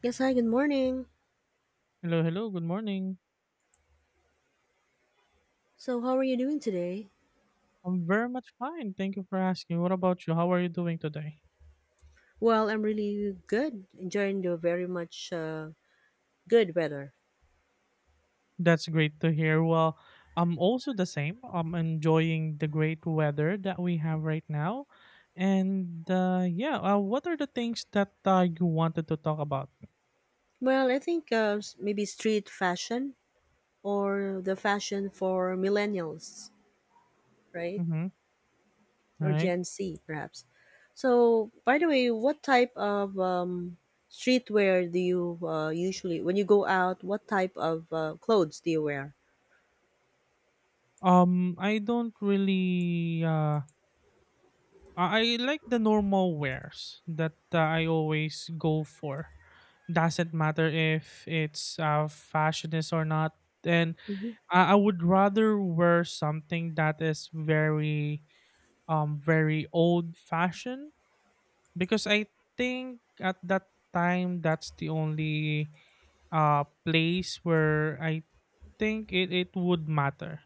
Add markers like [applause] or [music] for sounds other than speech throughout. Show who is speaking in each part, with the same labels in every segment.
Speaker 1: Yes, hi, good morning.
Speaker 2: Hello, hello. Good morning.
Speaker 1: So, how are you doing today?
Speaker 2: I'm very much fine. Thank you for asking. What about you? How are you doing today?
Speaker 1: Well, I'm really good, enjoying the very much good weather.
Speaker 2: That's great to hear. Well, I'm also the same. I'm enjoying the great weather that we have right now. And yeah, what are the things that you wanted to talk about?
Speaker 1: Well, I think maybe street fashion or the fashion for millennials, right?
Speaker 2: Mm-hmm.
Speaker 1: Or
Speaker 2: Right.
Speaker 1: Gen Z, perhaps. So, by the way, what type of streetwear do you usually, when you go out, what type of clothes do you wear?
Speaker 2: I don't really. I like the normal wares that I always go for. Doesn't matter if it's fashionist or not. And
Speaker 1: Mm-hmm.
Speaker 2: I would rather wear something that is very very old fashioned, because I think at that time that's the only place where I think it would matter,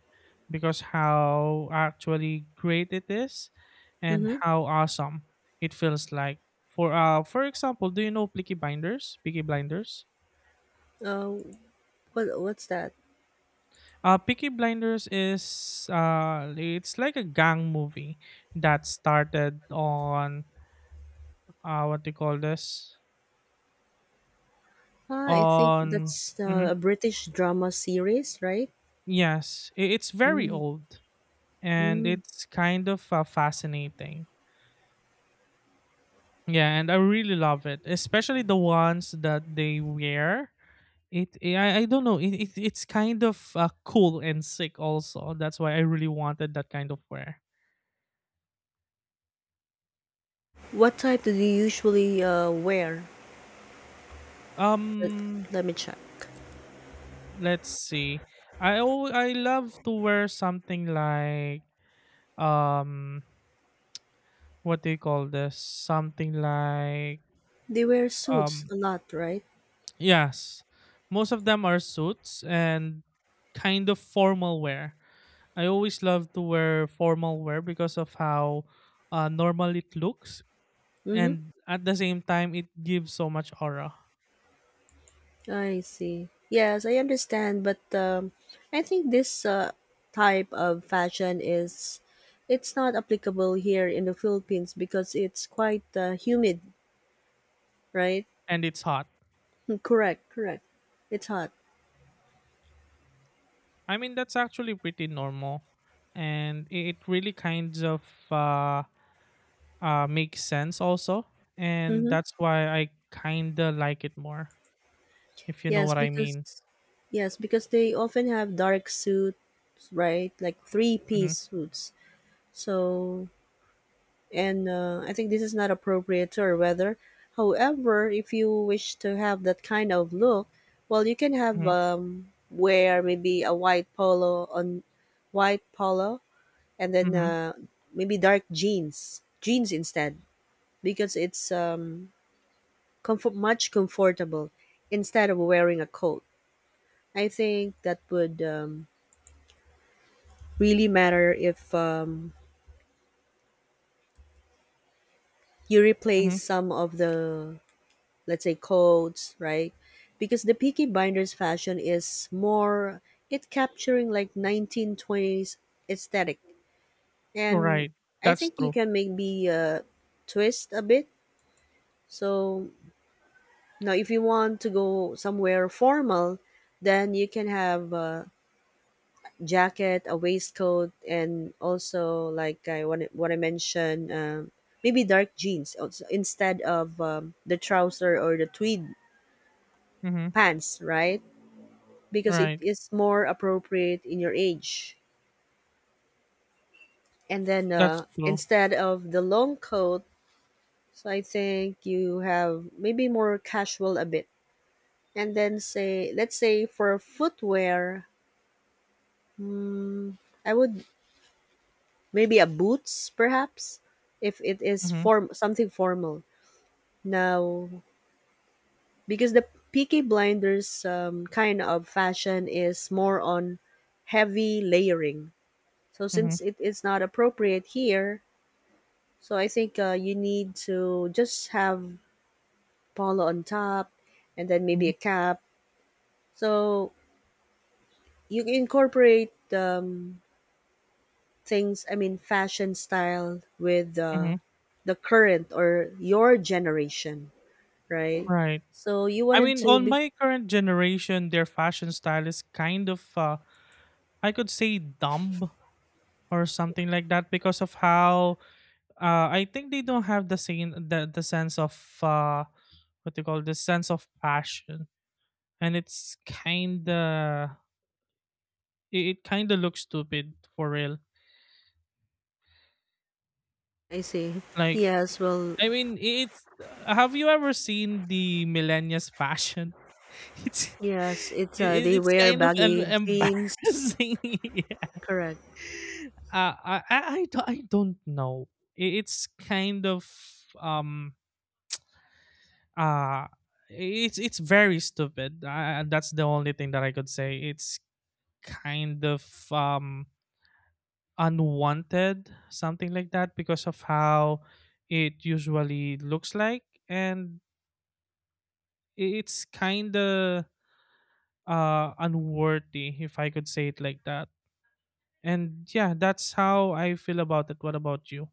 Speaker 2: because how actually great it is and
Speaker 1: Mm-hmm.
Speaker 2: how awesome it feels like. For example, do you know Peaky Blinders? Peaky Blinders?
Speaker 1: Uh, what's that?
Speaker 2: Peaky Blinders is, it's like a gang movie that started on, what do you call this?
Speaker 1: Ah, I think
Speaker 2: On
Speaker 1: that's
Speaker 2: Mhm,
Speaker 1: a British drama series, right?
Speaker 2: yes, it's very old, and
Speaker 1: Mm-hmm.
Speaker 2: it's kind of fascinating. Yeah, and I really love it, especially the ones that they wear. It I don't know, it's kind of cool and sick also. That's why I really wanted that kind of wear.
Speaker 1: What type do you usually wear? Let,
Speaker 2: Um,
Speaker 1: let me check.
Speaker 2: let's see. I love to wear something like, um what do you call this? Something like,
Speaker 1: They wear suits
Speaker 2: um
Speaker 1: a lot, right?
Speaker 2: yes. Most of them are suits and kind of formal wear. I always love to wear formal wear because of how normal it looks,
Speaker 1: Mm-hmm.
Speaker 2: and at the same time it gives so much aura.
Speaker 1: I see. Yes, I understand, but I think this type of fashion is it's not applicable here in the Philippines because it's quite humid, right? [laughs]
Speaker 2: And it's hot.
Speaker 1: Mm, correct, correct. It's hot.
Speaker 2: I mean that's actually pretty normal, and it really kind of uh, makes sense also, and
Speaker 1: Mm-hmm.
Speaker 2: that's why I kinda like it more, if you know
Speaker 1: Yes,
Speaker 2: what I
Speaker 1: because
Speaker 2: mean.
Speaker 1: yes, because they often have dark suits, right? Like
Speaker 2: Mm-hmm.
Speaker 1: three-piece suits. So, and I think this is not appropriate to our weather. However, if you wish to have that kind of look, well, you can have
Speaker 2: Mm-hmm.
Speaker 1: wear maybe a white polo and then
Speaker 2: Mm-hmm.
Speaker 1: maybe dark jeans, instead because it's comfort much comfortable instead of wearing a coat. I think that would really matter if you replace
Speaker 2: Mhm.
Speaker 1: some of the, let's say, codes, right? Because the Peaky Blinders fashion is more, it capturing like 1920s aesthetic. And
Speaker 2: Right.
Speaker 1: I
Speaker 2: That's
Speaker 1: think you
Speaker 2: true.
Speaker 1: can maybe twist a bit. So now if you want to go somewhere formal, then you can have jacket, a waistcoat, and also like what I mentioned, maybe dark jeans also, instead of the trouser or the tweed
Speaker 2: Mhm.
Speaker 1: pants, right? Because it
Speaker 2: Right.
Speaker 1: is more appropriate in your age. And then
Speaker 2: That's true.
Speaker 1: instead of the long coat, so I think you have maybe more casual a bit. And then let's say for footwear, hmm, I would maybe a boots perhaps if it is
Speaker 2: Mhm.
Speaker 1: form something formal. Now, because the Peaky Blinders kind of fashion is more on heavy layering. So
Speaker 2: Mhm.
Speaker 1: since it is not appropriate here, so I think you need to just have polo on top and then maybe
Speaker 2: Mhm.
Speaker 1: a cap. So you can incorporate things, I mean, fashion style with
Speaker 2: Mhm.
Speaker 1: the current or your generation, right?
Speaker 2: Right.
Speaker 1: So you
Speaker 2: I
Speaker 1: wanted
Speaker 2: mean,
Speaker 1: to
Speaker 2: on
Speaker 1: be.
Speaker 2: my current generation, their fashion style is kind of, I could say, dumb or something like that, because of how I think they don't have the same the sense of, uh, what they call, the sense of fashion, and it's kind of, it kind of looks stupid for real.
Speaker 1: I see.
Speaker 2: Like,
Speaker 1: Yes, well,
Speaker 2: I mean, it's, have you ever seen the millennials fashion? [laughs] It's
Speaker 1: yes, it's they
Speaker 2: it's
Speaker 1: wear
Speaker 2: kind of
Speaker 1: baggy jeans.
Speaker 2: embarrassing. [laughs] Yeah.
Speaker 1: Correct.
Speaker 2: I don't know. It's kind of, um uh it's very stupid. That's the only thing that I could say. It's kind of, um unwanted, something like that, because of how it usually looks like, and it's kind of unworthy, if I could say it like that. And yeah, that's how I feel about it. What about you?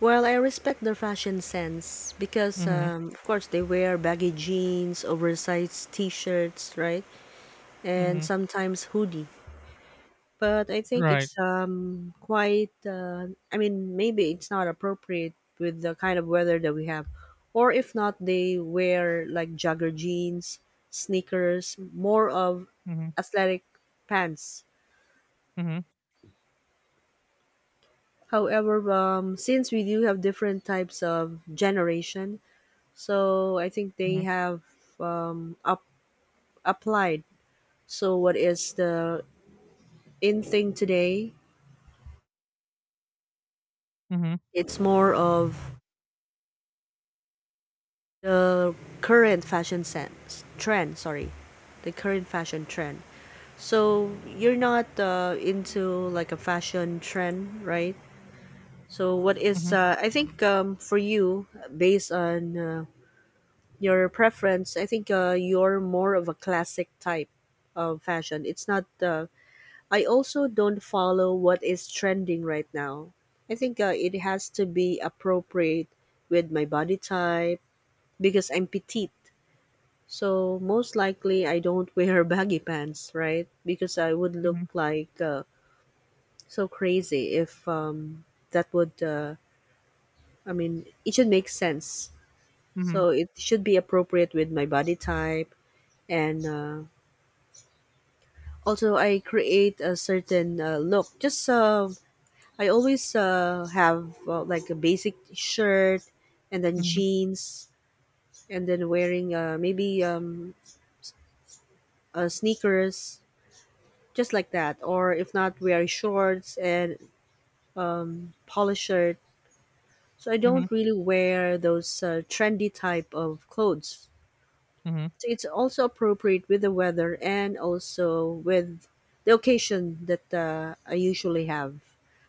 Speaker 1: Well, I respect their fashion sense because,
Speaker 2: Mhm.
Speaker 1: of course, they wear baggy jeans, oversized T-shirts, right, and
Speaker 2: Mhm.
Speaker 1: sometimes hoodie. But I think
Speaker 2: Right.
Speaker 1: it's quite. I mean, maybe it's not appropriate with the kind of weather that we have, or if not, they wear like jogger jeans, sneakers, more of
Speaker 2: Mhm.
Speaker 1: athletic pants.
Speaker 2: Mhm.
Speaker 1: However, since we do have different types of generation, so I think they
Speaker 2: Mhm.
Speaker 1: have um, up, applied. So, what is the in thing today?
Speaker 2: Mhm.
Speaker 1: It's more of the current fashion sense trend. Sorry, the current fashion trend. So you're not into like a fashion trend, right? So what is
Speaker 2: Mhm.
Speaker 1: I think for you, based on your preference, I think you're more of a classic type of fashion. It's not. I also don't follow what is trending right now. I think it has to be appropriate with my body type because I'm petite. So most likely I don't wear [laughs] baggy pants, right? Because I would look
Speaker 2: Mhm.
Speaker 1: like so crazy if that would. I mean, it should make sense.
Speaker 2: Mhm.
Speaker 1: So it should be appropriate with my body type. And. Also, I create a certain look, just I always have like a basic shirt and then
Speaker 2: Mhm.
Speaker 1: jeans, and then wearing maybe sneakers, just like that, or if not wear shorts and polo shirt. So I
Speaker 2: Mhm.
Speaker 1: don't really wear those trendy type of clothes.
Speaker 2: Mhm.
Speaker 1: So it's also appropriate with the weather and also with the occasion that I usually have.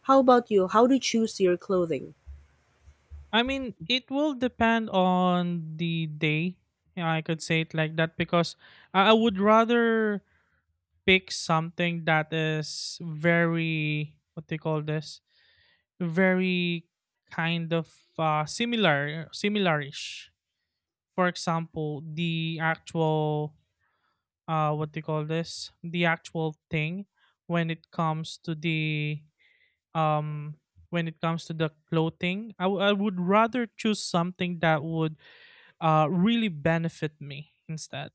Speaker 1: How about you? How do you choose your clothing?
Speaker 2: I mean, it will depend on the day. Yeah, I could say it like that, because I would rather pick something that is very, what do you call this, very kind of, similarish. For example, the actual, what do you call this, the actual thing, when it comes to the, um when it comes to the clothing, I would rather choose something that would really benefit me instead,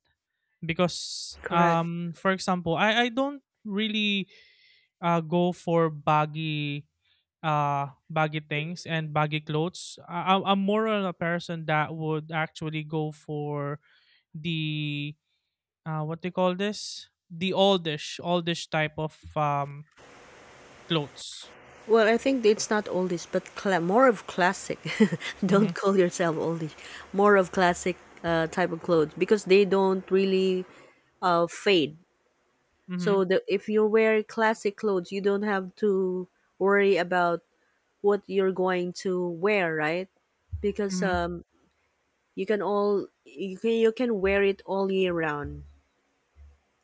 Speaker 2: because,
Speaker 1: Correct.
Speaker 2: for example, I don't really go for baggy, baggy things and baggy clothes. I'm more on a person that would actually go for the, what they call this, the oldish type of, clothes.
Speaker 1: Well, I think it's not oldies, but more of classic. [laughs]
Speaker 2: Mm-hmm.
Speaker 1: Don't call yourself oldies. More of classic type of clothes because they don't really fade.
Speaker 2: Mm-hmm.
Speaker 1: So if you wear classic clothes, you don't have to worry about what you're going to wear, right? Because
Speaker 2: Mm-hmm.
Speaker 1: you can wear it all year round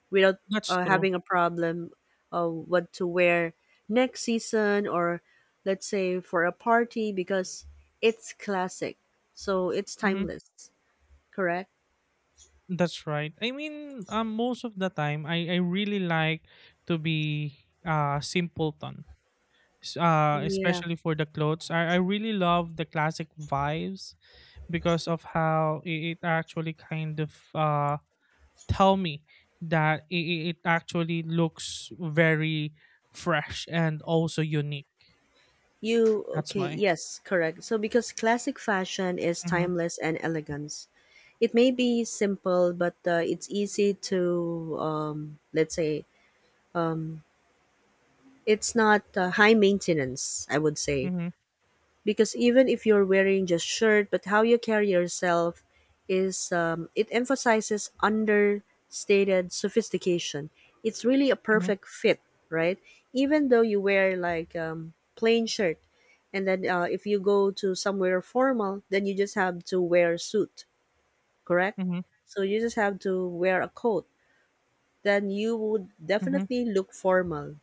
Speaker 1: without
Speaker 2: That's true.
Speaker 1: having a problem of what to wear next season, or let's say for a party, because it's classic. So it's
Speaker 2: Mm-hmm.
Speaker 1: timeless, correct?
Speaker 2: That's right. I mean, most of the time, I really like to be simpleton.
Speaker 1: Yeah.
Speaker 2: Especially for the clothes, I really love the classic vibes, because of how it actually kind of tell me that it actually looks very fresh and also unique.
Speaker 1: You
Speaker 2: That's
Speaker 1: Okay,
Speaker 2: why.
Speaker 1: yes, correct. So because classic fashion is
Speaker 2: Mm-hmm.
Speaker 1: timeless and elegance. It may be simple, but it's easy to let's say, it's not high maintenance, I would say,
Speaker 2: Mm-hmm.
Speaker 1: because even if you're wearing just shirt, but how you carry yourself is, it emphasizes understated sophistication. It's really a
Speaker 2: Mm-hmm.
Speaker 1: perfect fit, right? Even though you wear like plain shirt, and then if you go to somewhere formal, then you just have to wear suit, correct?
Speaker 2: Mm-hmm.
Speaker 1: So you just have to wear a coat, then you would
Speaker 2: Mm-hmm.
Speaker 1: definitely look formal,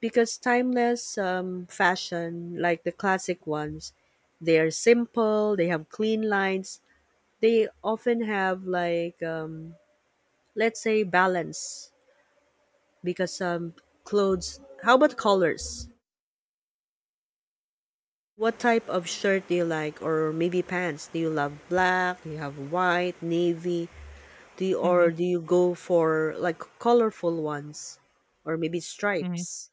Speaker 1: because timeless fashion, like the classic ones, they are simple, they have clean lines, they often have like, let's say, balance. Because um, how about colors? What type of shirt do you like, or maybe pants? Do you love black? Do you have white, navy?
Speaker 2: Mm-hmm.
Speaker 1: Do you go for like colorful ones, or maybe
Speaker 2: Mm-hmm.
Speaker 1: stripes?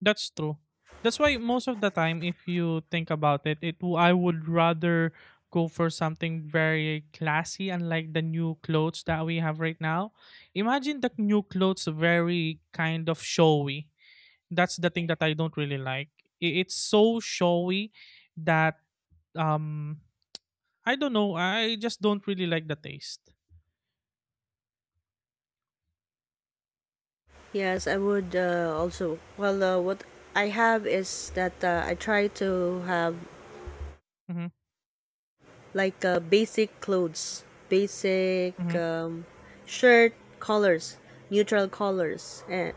Speaker 2: That's true. That's why most of the time, if you think about it, I would rather go for something very classy, unlike the new clothes that we have right now. Imagine, the new clothes very kind of showy. That's the thing that I don't really like. It's so showy that, um I don't know. I just don't really like the taste.
Speaker 1: Yes, I would also. Well, what I have is that I try to have
Speaker 2: Hmm.
Speaker 1: like basic clothes, basic
Speaker 2: Hmm.
Speaker 1: shirt colors, neutral colors. And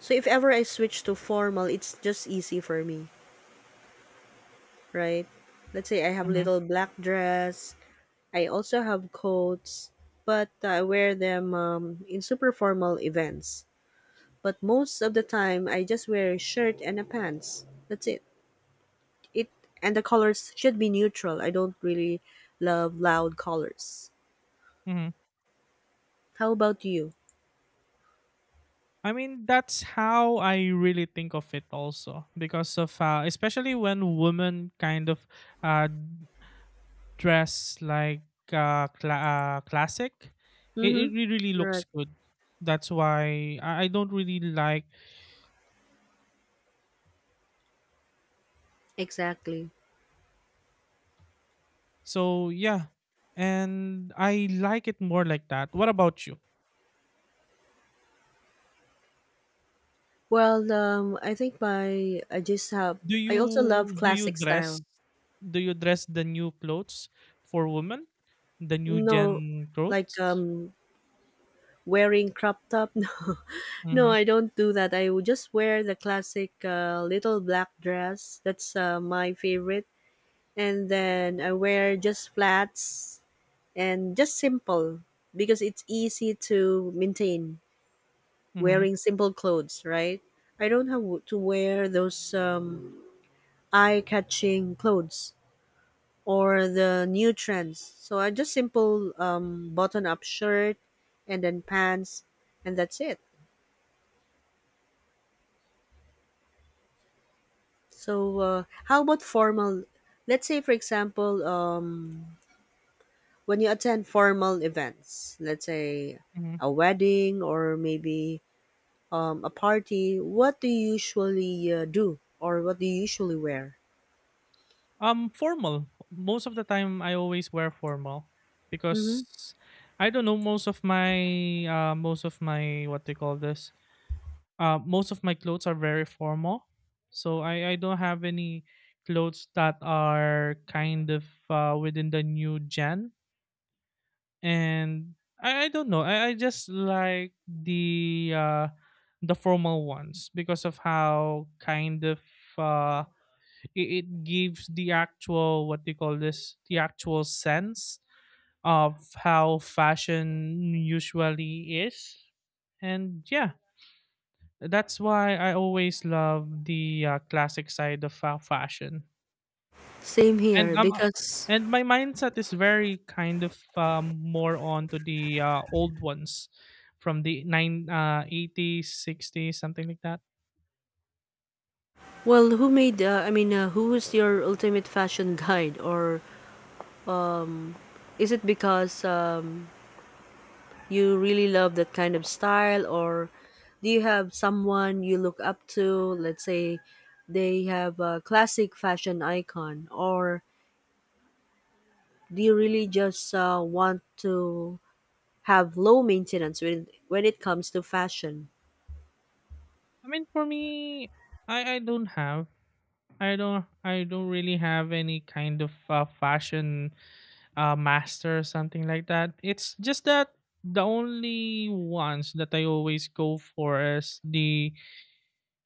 Speaker 1: so if ever I switch to formal, it's just easy for me, right? Let's say I have
Speaker 2: Hmm.
Speaker 1: little black dress. I also have coats, but I wear them in super formal events. But most of the time, I just wear a shirt and a pants. That's it. It and the colors should be neutral. I don't really love loud colors.
Speaker 2: Hmm.
Speaker 1: How about you?
Speaker 2: I mean, that's how I really think of it also, because of, especially when women kind of uh dress like, classic,
Speaker 1: Mm-hmm.
Speaker 2: really looks
Speaker 1: Correct.
Speaker 2: good. That's why I don't really like.
Speaker 1: Exactly.
Speaker 2: So yeah, and I like it more like that. What about you?
Speaker 1: Well, I think my I just have,
Speaker 2: Do
Speaker 1: I
Speaker 2: you
Speaker 1: also love
Speaker 2: do you
Speaker 1: classic
Speaker 2: dress
Speaker 1: style.
Speaker 2: do you dress the new clothes for women, the new
Speaker 1: No,
Speaker 2: gen
Speaker 1: like
Speaker 2: clothes?
Speaker 1: wearing crop top. [laughs] No, no,
Speaker 2: Mm-hmm.
Speaker 1: I don't do that. I would just wear the classic little black dress. That's my favorite. And then I wear just flats and just simple because it's easy to maintain
Speaker 2: Mm-hmm.
Speaker 1: wearing simple clothes, right? I don't have to wear those eye-catching clothes or the new trends. So I just simple button-up shirt and then pants, and that's it. So how about formal? Let's say, for example, when you attend formal events, let's say
Speaker 2: Mm-hmm.
Speaker 1: a wedding, or maybe a party, what do you usually do, or what do you usually wear?
Speaker 2: Formal. Most of the time, I always wear formal,
Speaker 1: Mm-hmm.
Speaker 2: because I don't know. Most of my, what do you call this? Most of my clothes are very formal, so I don't have any clothes that are kind of, within the new gen, and I don't know. I just like the, the formal ones, because of how kind of, uh, it gives the actual, what do you call this, the actual sense of how fashion usually is. And yeah, that's why I always love the classic side of fashion.
Speaker 1: Same
Speaker 2: and
Speaker 1: here
Speaker 2: um, uh,
Speaker 1: because,
Speaker 2: and my mindset is very kind of, more on to the old ones from the nine 80s, 60s, something like that.
Speaker 1: well, who made? I mean, who is your ultimate fashion [laughs] guide, or is it because you really love that kind of style, or do you have someone you look up to? Let's say they have a classic fashion icon, or do you really just want to have low maintenance when it comes to fashion?
Speaker 2: I mean, for me, I don't have. I don't really have any kind of fashion, master or something like that. It's just that the only ones that I always go for is the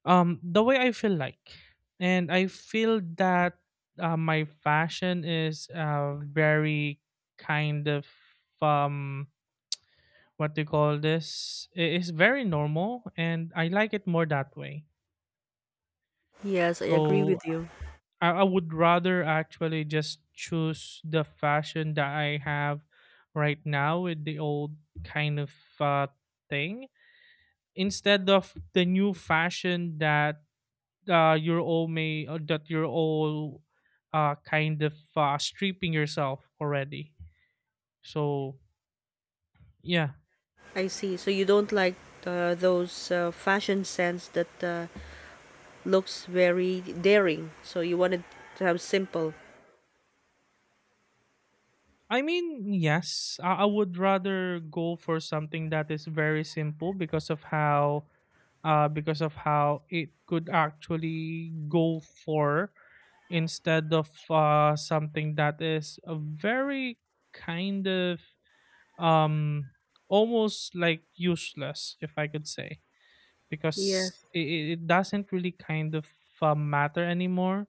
Speaker 2: um the way I feel like, and I feel that my fashion is, very kind of, um what do you call this? It is very normal, and I like it more that way.
Speaker 1: Yes, I agree with
Speaker 2: So
Speaker 1: you.
Speaker 2: I would rather actually just choose the fashion that I have right now with the old kind of, uh, thing, instead of the new fashion that you're all may that you're all, kind of, stripping yourself already. So yeah.
Speaker 1: I see. So you don't like those fashion sense that looks very daring. So you wanted to have simple.
Speaker 2: I mean, yes, I would rather go for something that is very simple, because of how it could actually go for, instead of, something that is a very kind of, um, almost like useless, if I could say, because
Speaker 1: Yes.
Speaker 2: it doesn't really kind of matter anymore,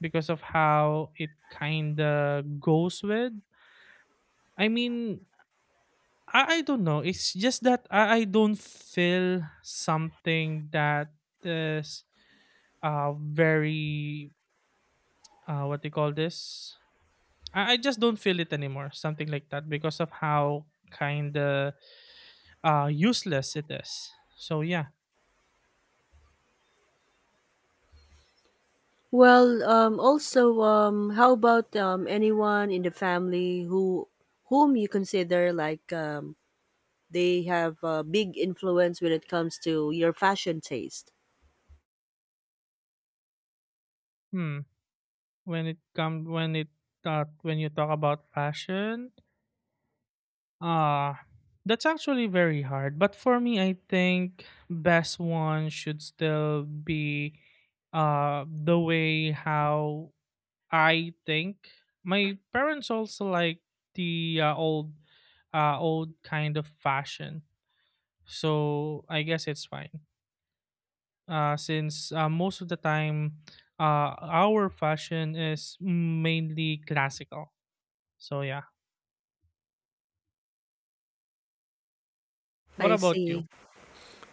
Speaker 2: because of how it kind of goes with. I mean, I don't know. It's just that I don't feel something that is very, what do you call this, I just don't feel it anymore, something like that, because of how kind of useless it is. So yeah.
Speaker 1: Well, also, how about anyone in the family whom you consider like they have a big influence when it comes to your fashion taste?
Speaker 2: Hmm. When it come when it uh, when you talk about fashion, uh that's actually very hard, but for me I think best one should still be the way how I think my parents also like the, old kind of fashion. So I guess it's fine. Since, most of the time, our fashion is mainly classical. So yeah. What
Speaker 1: I
Speaker 2: about you?
Speaker 1: see.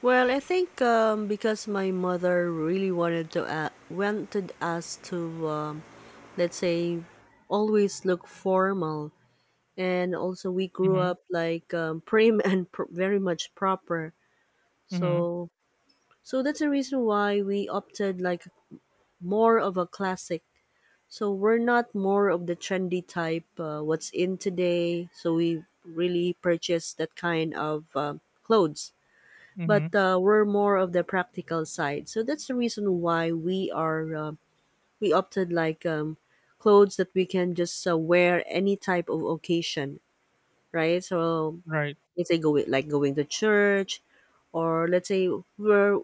Speaker 1: Well, I think because my mother really wanted us to let's say always look formal, and also we grew
Speaker 2: Mm-hmm.
Speaker 1: up like prim [laughs] and very much proper.
Speaker 2: Mm-hmm.
Speaker 1: So that's the reason why we opted like more of a classic, so we're not more of the trendy type, what's in today, so we really purchase that kind of clothes. But
Speaker 2: Mm-hmm.
Speaker 1: we're more of the practical side, so that's the reason why we opted like clothes that we can just wear any type of occasion, right? So
Speaker 2: Right.
Speaker 1: let's say go like going to church, or let's say we're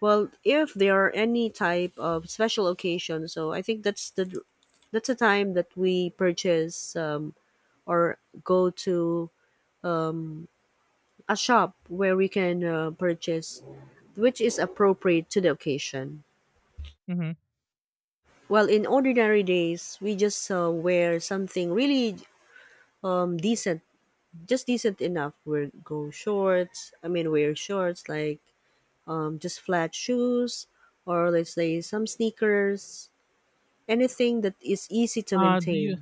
Speaker 1: well, if there are any type of special occasion, so I think that's the time that we purchase, or go to a shop where we can purchase, which is appropriate to the occasion.
Speaker 2: Mm-hmm.
Speaker 1: Well, in ordinary days, we just wear something really decent, just decent enough. Wear go shorts. I mean, wear shorts like just flat shoes, or let's say some sneakers. Anything that is easy to
Speaker 2: Do
Speaker 1: maintain.
Speaker 2: you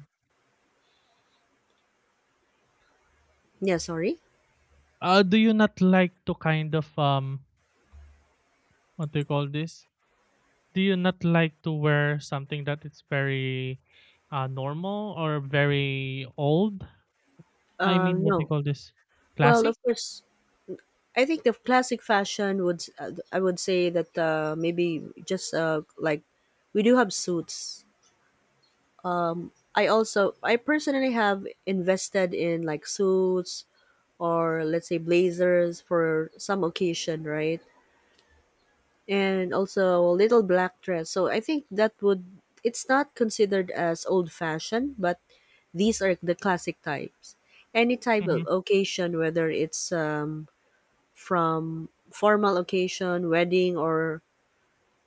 Speaker 1: Yeah, sorry.
Speaker 2: uh do you not like to kind of, what do you call this? Do you not like to wear something that is very, normal or very old? I mean, what do you
Speaker 1: No.
Speaker 2: call this?
Speaker 1: Well,
Speaker 2: Classy?
Speaker 1: of course, I think the classic fashion would. I would say that maybe just like we do have suits. I personally have invested in like suits, or let's say blazers, for some occasion, right? And also a little black dress. So I think that would it's not considered as old fashioned, but these are the classic types. Any type of
Speaker 2: Hmm.
Speaker 1: occasion, whether it's from formal occasion, wedding, or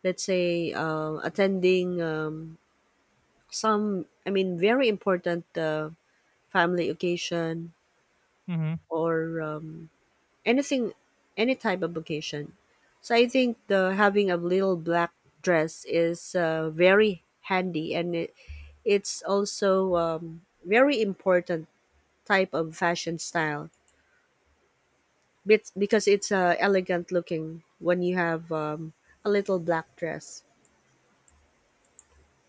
Speaker 1: let's say attending some, I mean, very important family occasion
Speaker 2: Hmm.
Speaker 1: or anything, any type of vacation. So I think the having a little black dress is very handy, and it's also very important type of fashion style because it's elegant looking when you have a little black dress.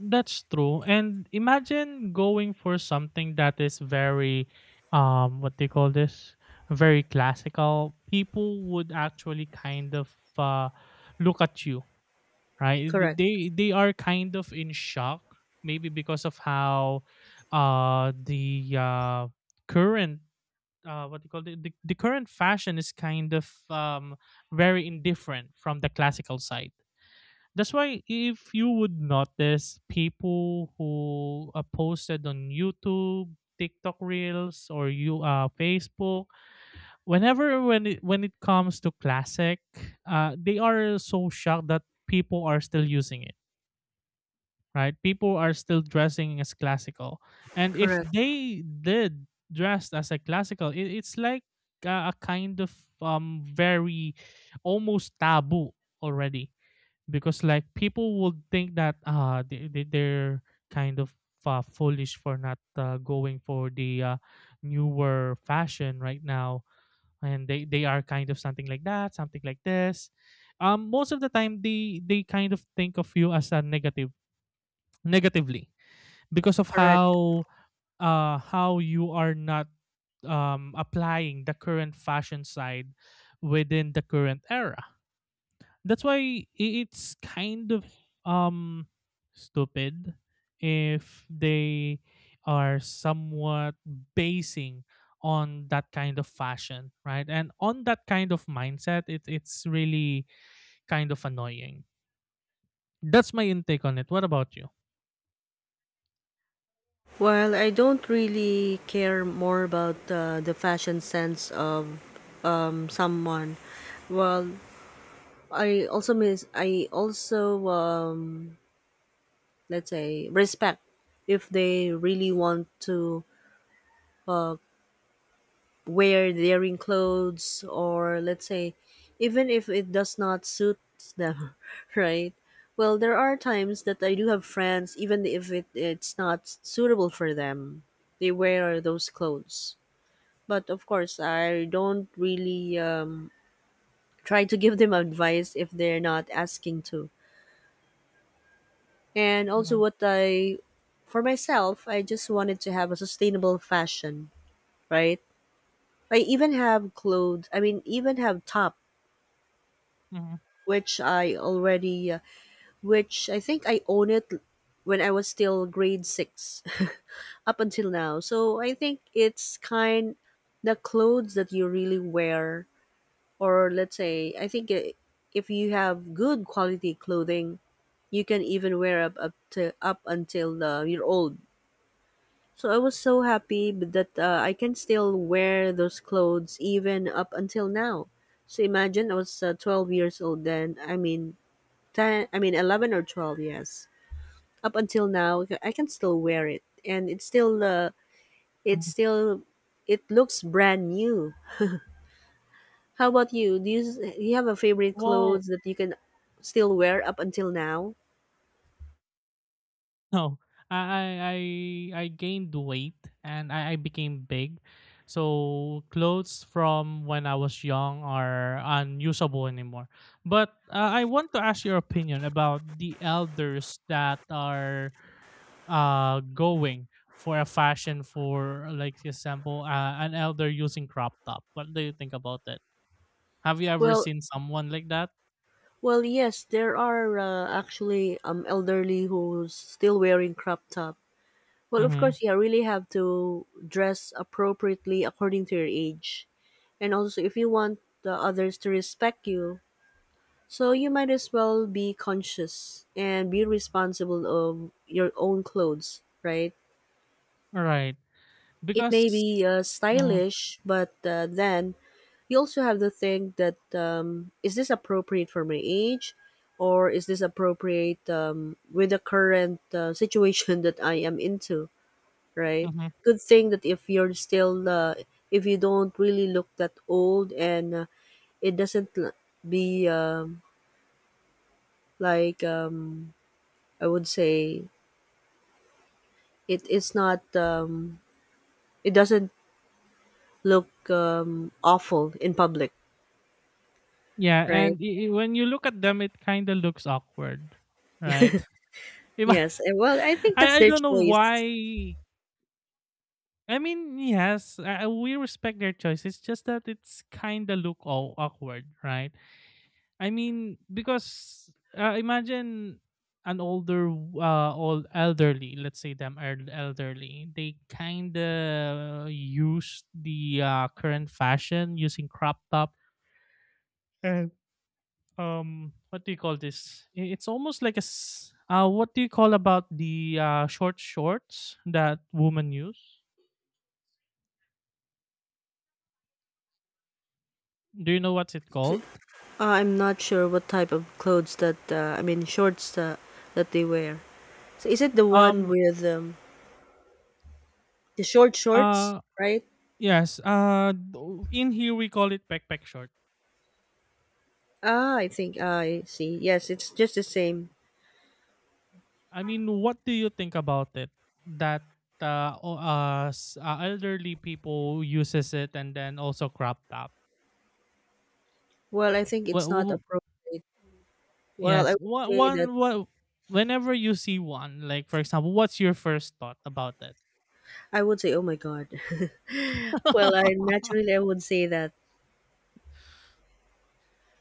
Speaker 2: That's true. And imagine going for something that is very, what do you call this, very classical. People would actually kind of look at you, right?
Speaker 1: Correct.
Speaker 2: They are kind of in shock, maybe because of how, the, current, what do you call it, the current fashion is kind of, very indifferent from the classical side. That's why, if you would notice people who are posted on YouTube, TikTok Reels, or you Facebook, when it comes to classic, they are so shocked that people are still using it, right? People are still dressing as classical, and if
Speaker 1: Correct.
Speaker 2: they did dressed as a classical, it's like a kind of, very, almost taboo already, because, like, people would think that they're kind of foolish for not going for the newer fashion right now. And they are kind of something like that, something like this, most of the time they kind of think of you as a negatively, because of
Speaker 1: Correct.
Speaker 2: how you are not, applying the current fashion side within the current era. That's why, it's kind of, um stupid, if they are somewhat basing on that kind of fashion, right, and on that kind of mindset. It, it's really kind of annoying. That's my intake on it. What about you?
Speaker 1: Well, I don't really care more about the fashion sense of someone. Well, I also let's say respect if they really want to uh wear daring clothes, or let's say even if it does not suit them [laughs] right. Well, there are times that I do have friends. Even if it's not suitable for them, they wear those clothes. But of course I don't really try to give them advice if they're not asking to. And also
Speaker 2: Mhm.
Speaker 1: what I for myself, I just wanted to have a sustainable fashion, right? I even have clothes, I mean, even have top
Speaker 2: Mhm.
Speaker 1: which I already which I think I own it when I was still grade 6 [laughs] up until now. So I think it's kind the clothes that you really wear, or let's say I think I if you have good quality clothing, you can even wear up until you're old. So I was so happy that I can still wear those clothes even up until now. So imagine I was 12 years old then. I mean 10, I mean 11 or 12, yes. Up until now I can still wear it, and it's
Speaker 2: Mhm.
Speaker 1: still, it looks brand new. How about you? You have a favorite
Speaker 2: Well,
Speaker 1: clothes that you can still wear up until now?
Speaker 2: no, I I gained weight, and I became big. So clothes from when I was young are unusable anymore. But I want to ask your opinion about the elders that are going for a fashion for, like, example, an elder using crop top. What do you think about it? Have you ever
Speaker 1: Well,
Speaker 2: seen someone like that?
Speaker 1: well, yes, there are actually elderly who's still wearing crop top. Well, of
Speaker 2: Mm-hmm.
Speaker 1: course, yeah, really have to dress appropriately according to your age. And also, if you want the others to respect you, so you might as well be conscious and be responsible of your own clothes, right?
Speaker 2: Right,
Speaker 1: It
Speaker 2: because.
Speaker 1: may be
Speaker 2: Mm-hmm.
Speaker 1: stylish, but then you also have to think that is this appropriate for my age? Or is this appropriate with the current situation [laughs] that I am into? Right?
Speaker 2: Mm-hmm.
Speaker 1: Good thing that if you're still, if you don't really look that old, and it doesn't be like, I would say, it's not, it doesn't look awful in public,
Speaker 2: Yeah,
Speaker 1: right?
Speaker 2: and I when you look at them, it kind of looks awkward, right? [laughs] Ima
Speaker 1: Yes. Well, I think that's
Speaker 2: I
Speaker 1: their
Speaker 2: don't know
Speaker 1: choice.
Speaker 2: why. I mean, yes, we respect their choice. It's just that it's kind of look all awkward, right? I mean, because, imagine, an older, old elderly. Let's say them are elderly, they kind of use the current fashion using crop top, what do you call this, it's almost like what do you call about the short shorts that women use? Do you know what's it called?
Speaker 1: I'm not sure what type of clothes that, I mean, shorts that they wear. So is it the one
Speaker 2: Um.
Speaker 1: with the short shorts,
Speaker 2: Uh.
Speaker 1: right?
Speaker 2: Yes. In here we call it pek pek short.
Speaker 1: Ah, I think, ah, I see. Yes, it's just the same.
Speaker 2: I mean, what do you think about it, that elderly people uses it, and then also crop top?
Speaker 1: Well, I think
Speaker 2: Well,
Speaker 1: it's not appropriate. Well, I
Speaker 2: yes,
Speaker 1: would
Speaker 2: what
Speaker 1: say that
Speaker 2: one what whenever you see one, like, for example, what's your first thought about it?
Speaker 1: I would say, oh my God. [laughs] Well,
Speaker 2: [laughs]
Speaker 1: I naturally I would say that.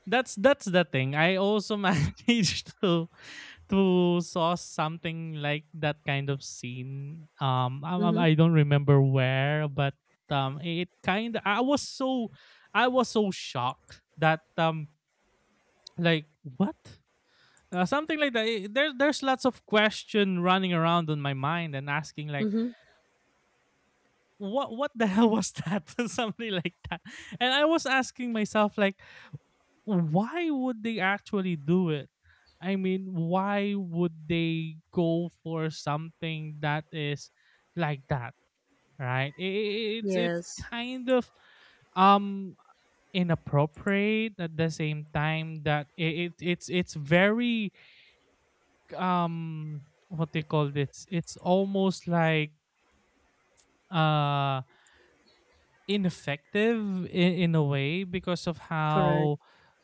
Speaker 2: That's the thing. I also [laughs] managed to saw something like that kind of scene. I, I
Speaker 1: Mm-hmm.
Speaker 2: I don't remember where, but, it kind. I was so shocked that, like what. Something like that. There's lots of question running around in my mind and asking like,
Speaker 1: Mm-hmm.
Speaker 2: what the [laughs] hell was that? [laughs] Something like that. And I was asking myself like, why would they actually do it? I mean, why would they go for something that is like that, right? It's
Speaker 1: Yes,
Speaker 2: kind of, um inappropriate. At the same time that, it's very, um what they call this, it's almost like uh ineffective, in a way, because of
Speaker 1: correct.
Speaker 2: how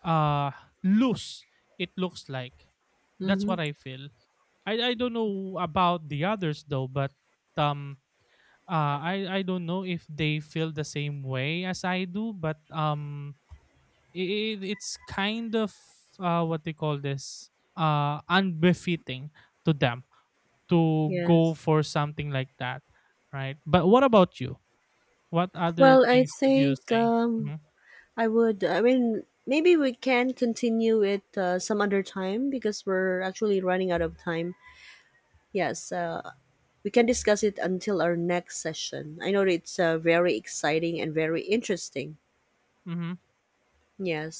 Speaker 2: uh loose it looks like. That's
Speaker 1: Mm-hmm.
Speaker 2: what I feel. I don't know about the others, though, but, um I don't know if they feel the same way as I do, but, it's kind of, what they call this, unbefitting to them to go
Speaker 1: Yes.
Speaker 2: for something like that, right? But what about you? What other
Speaker 1: Well, I
Speaker 2: things could you
Speaker 1: think
Speaker 2: say? Hmm.
Speaker 1: I would. I mean, maybe we can continue it some other time because we're actually running out of time. Yes. We can discuss it until our next session. I know it's very exciting and very interesting.
Speaker 2: Hmm.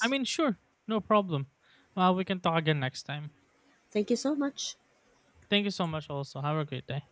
Speaker 2: I mean, sure, no problem. Well, we can talk again next time.
Speaker 1: Thank you so much.
Speaker 2: Thank you so much. Also, have a great day.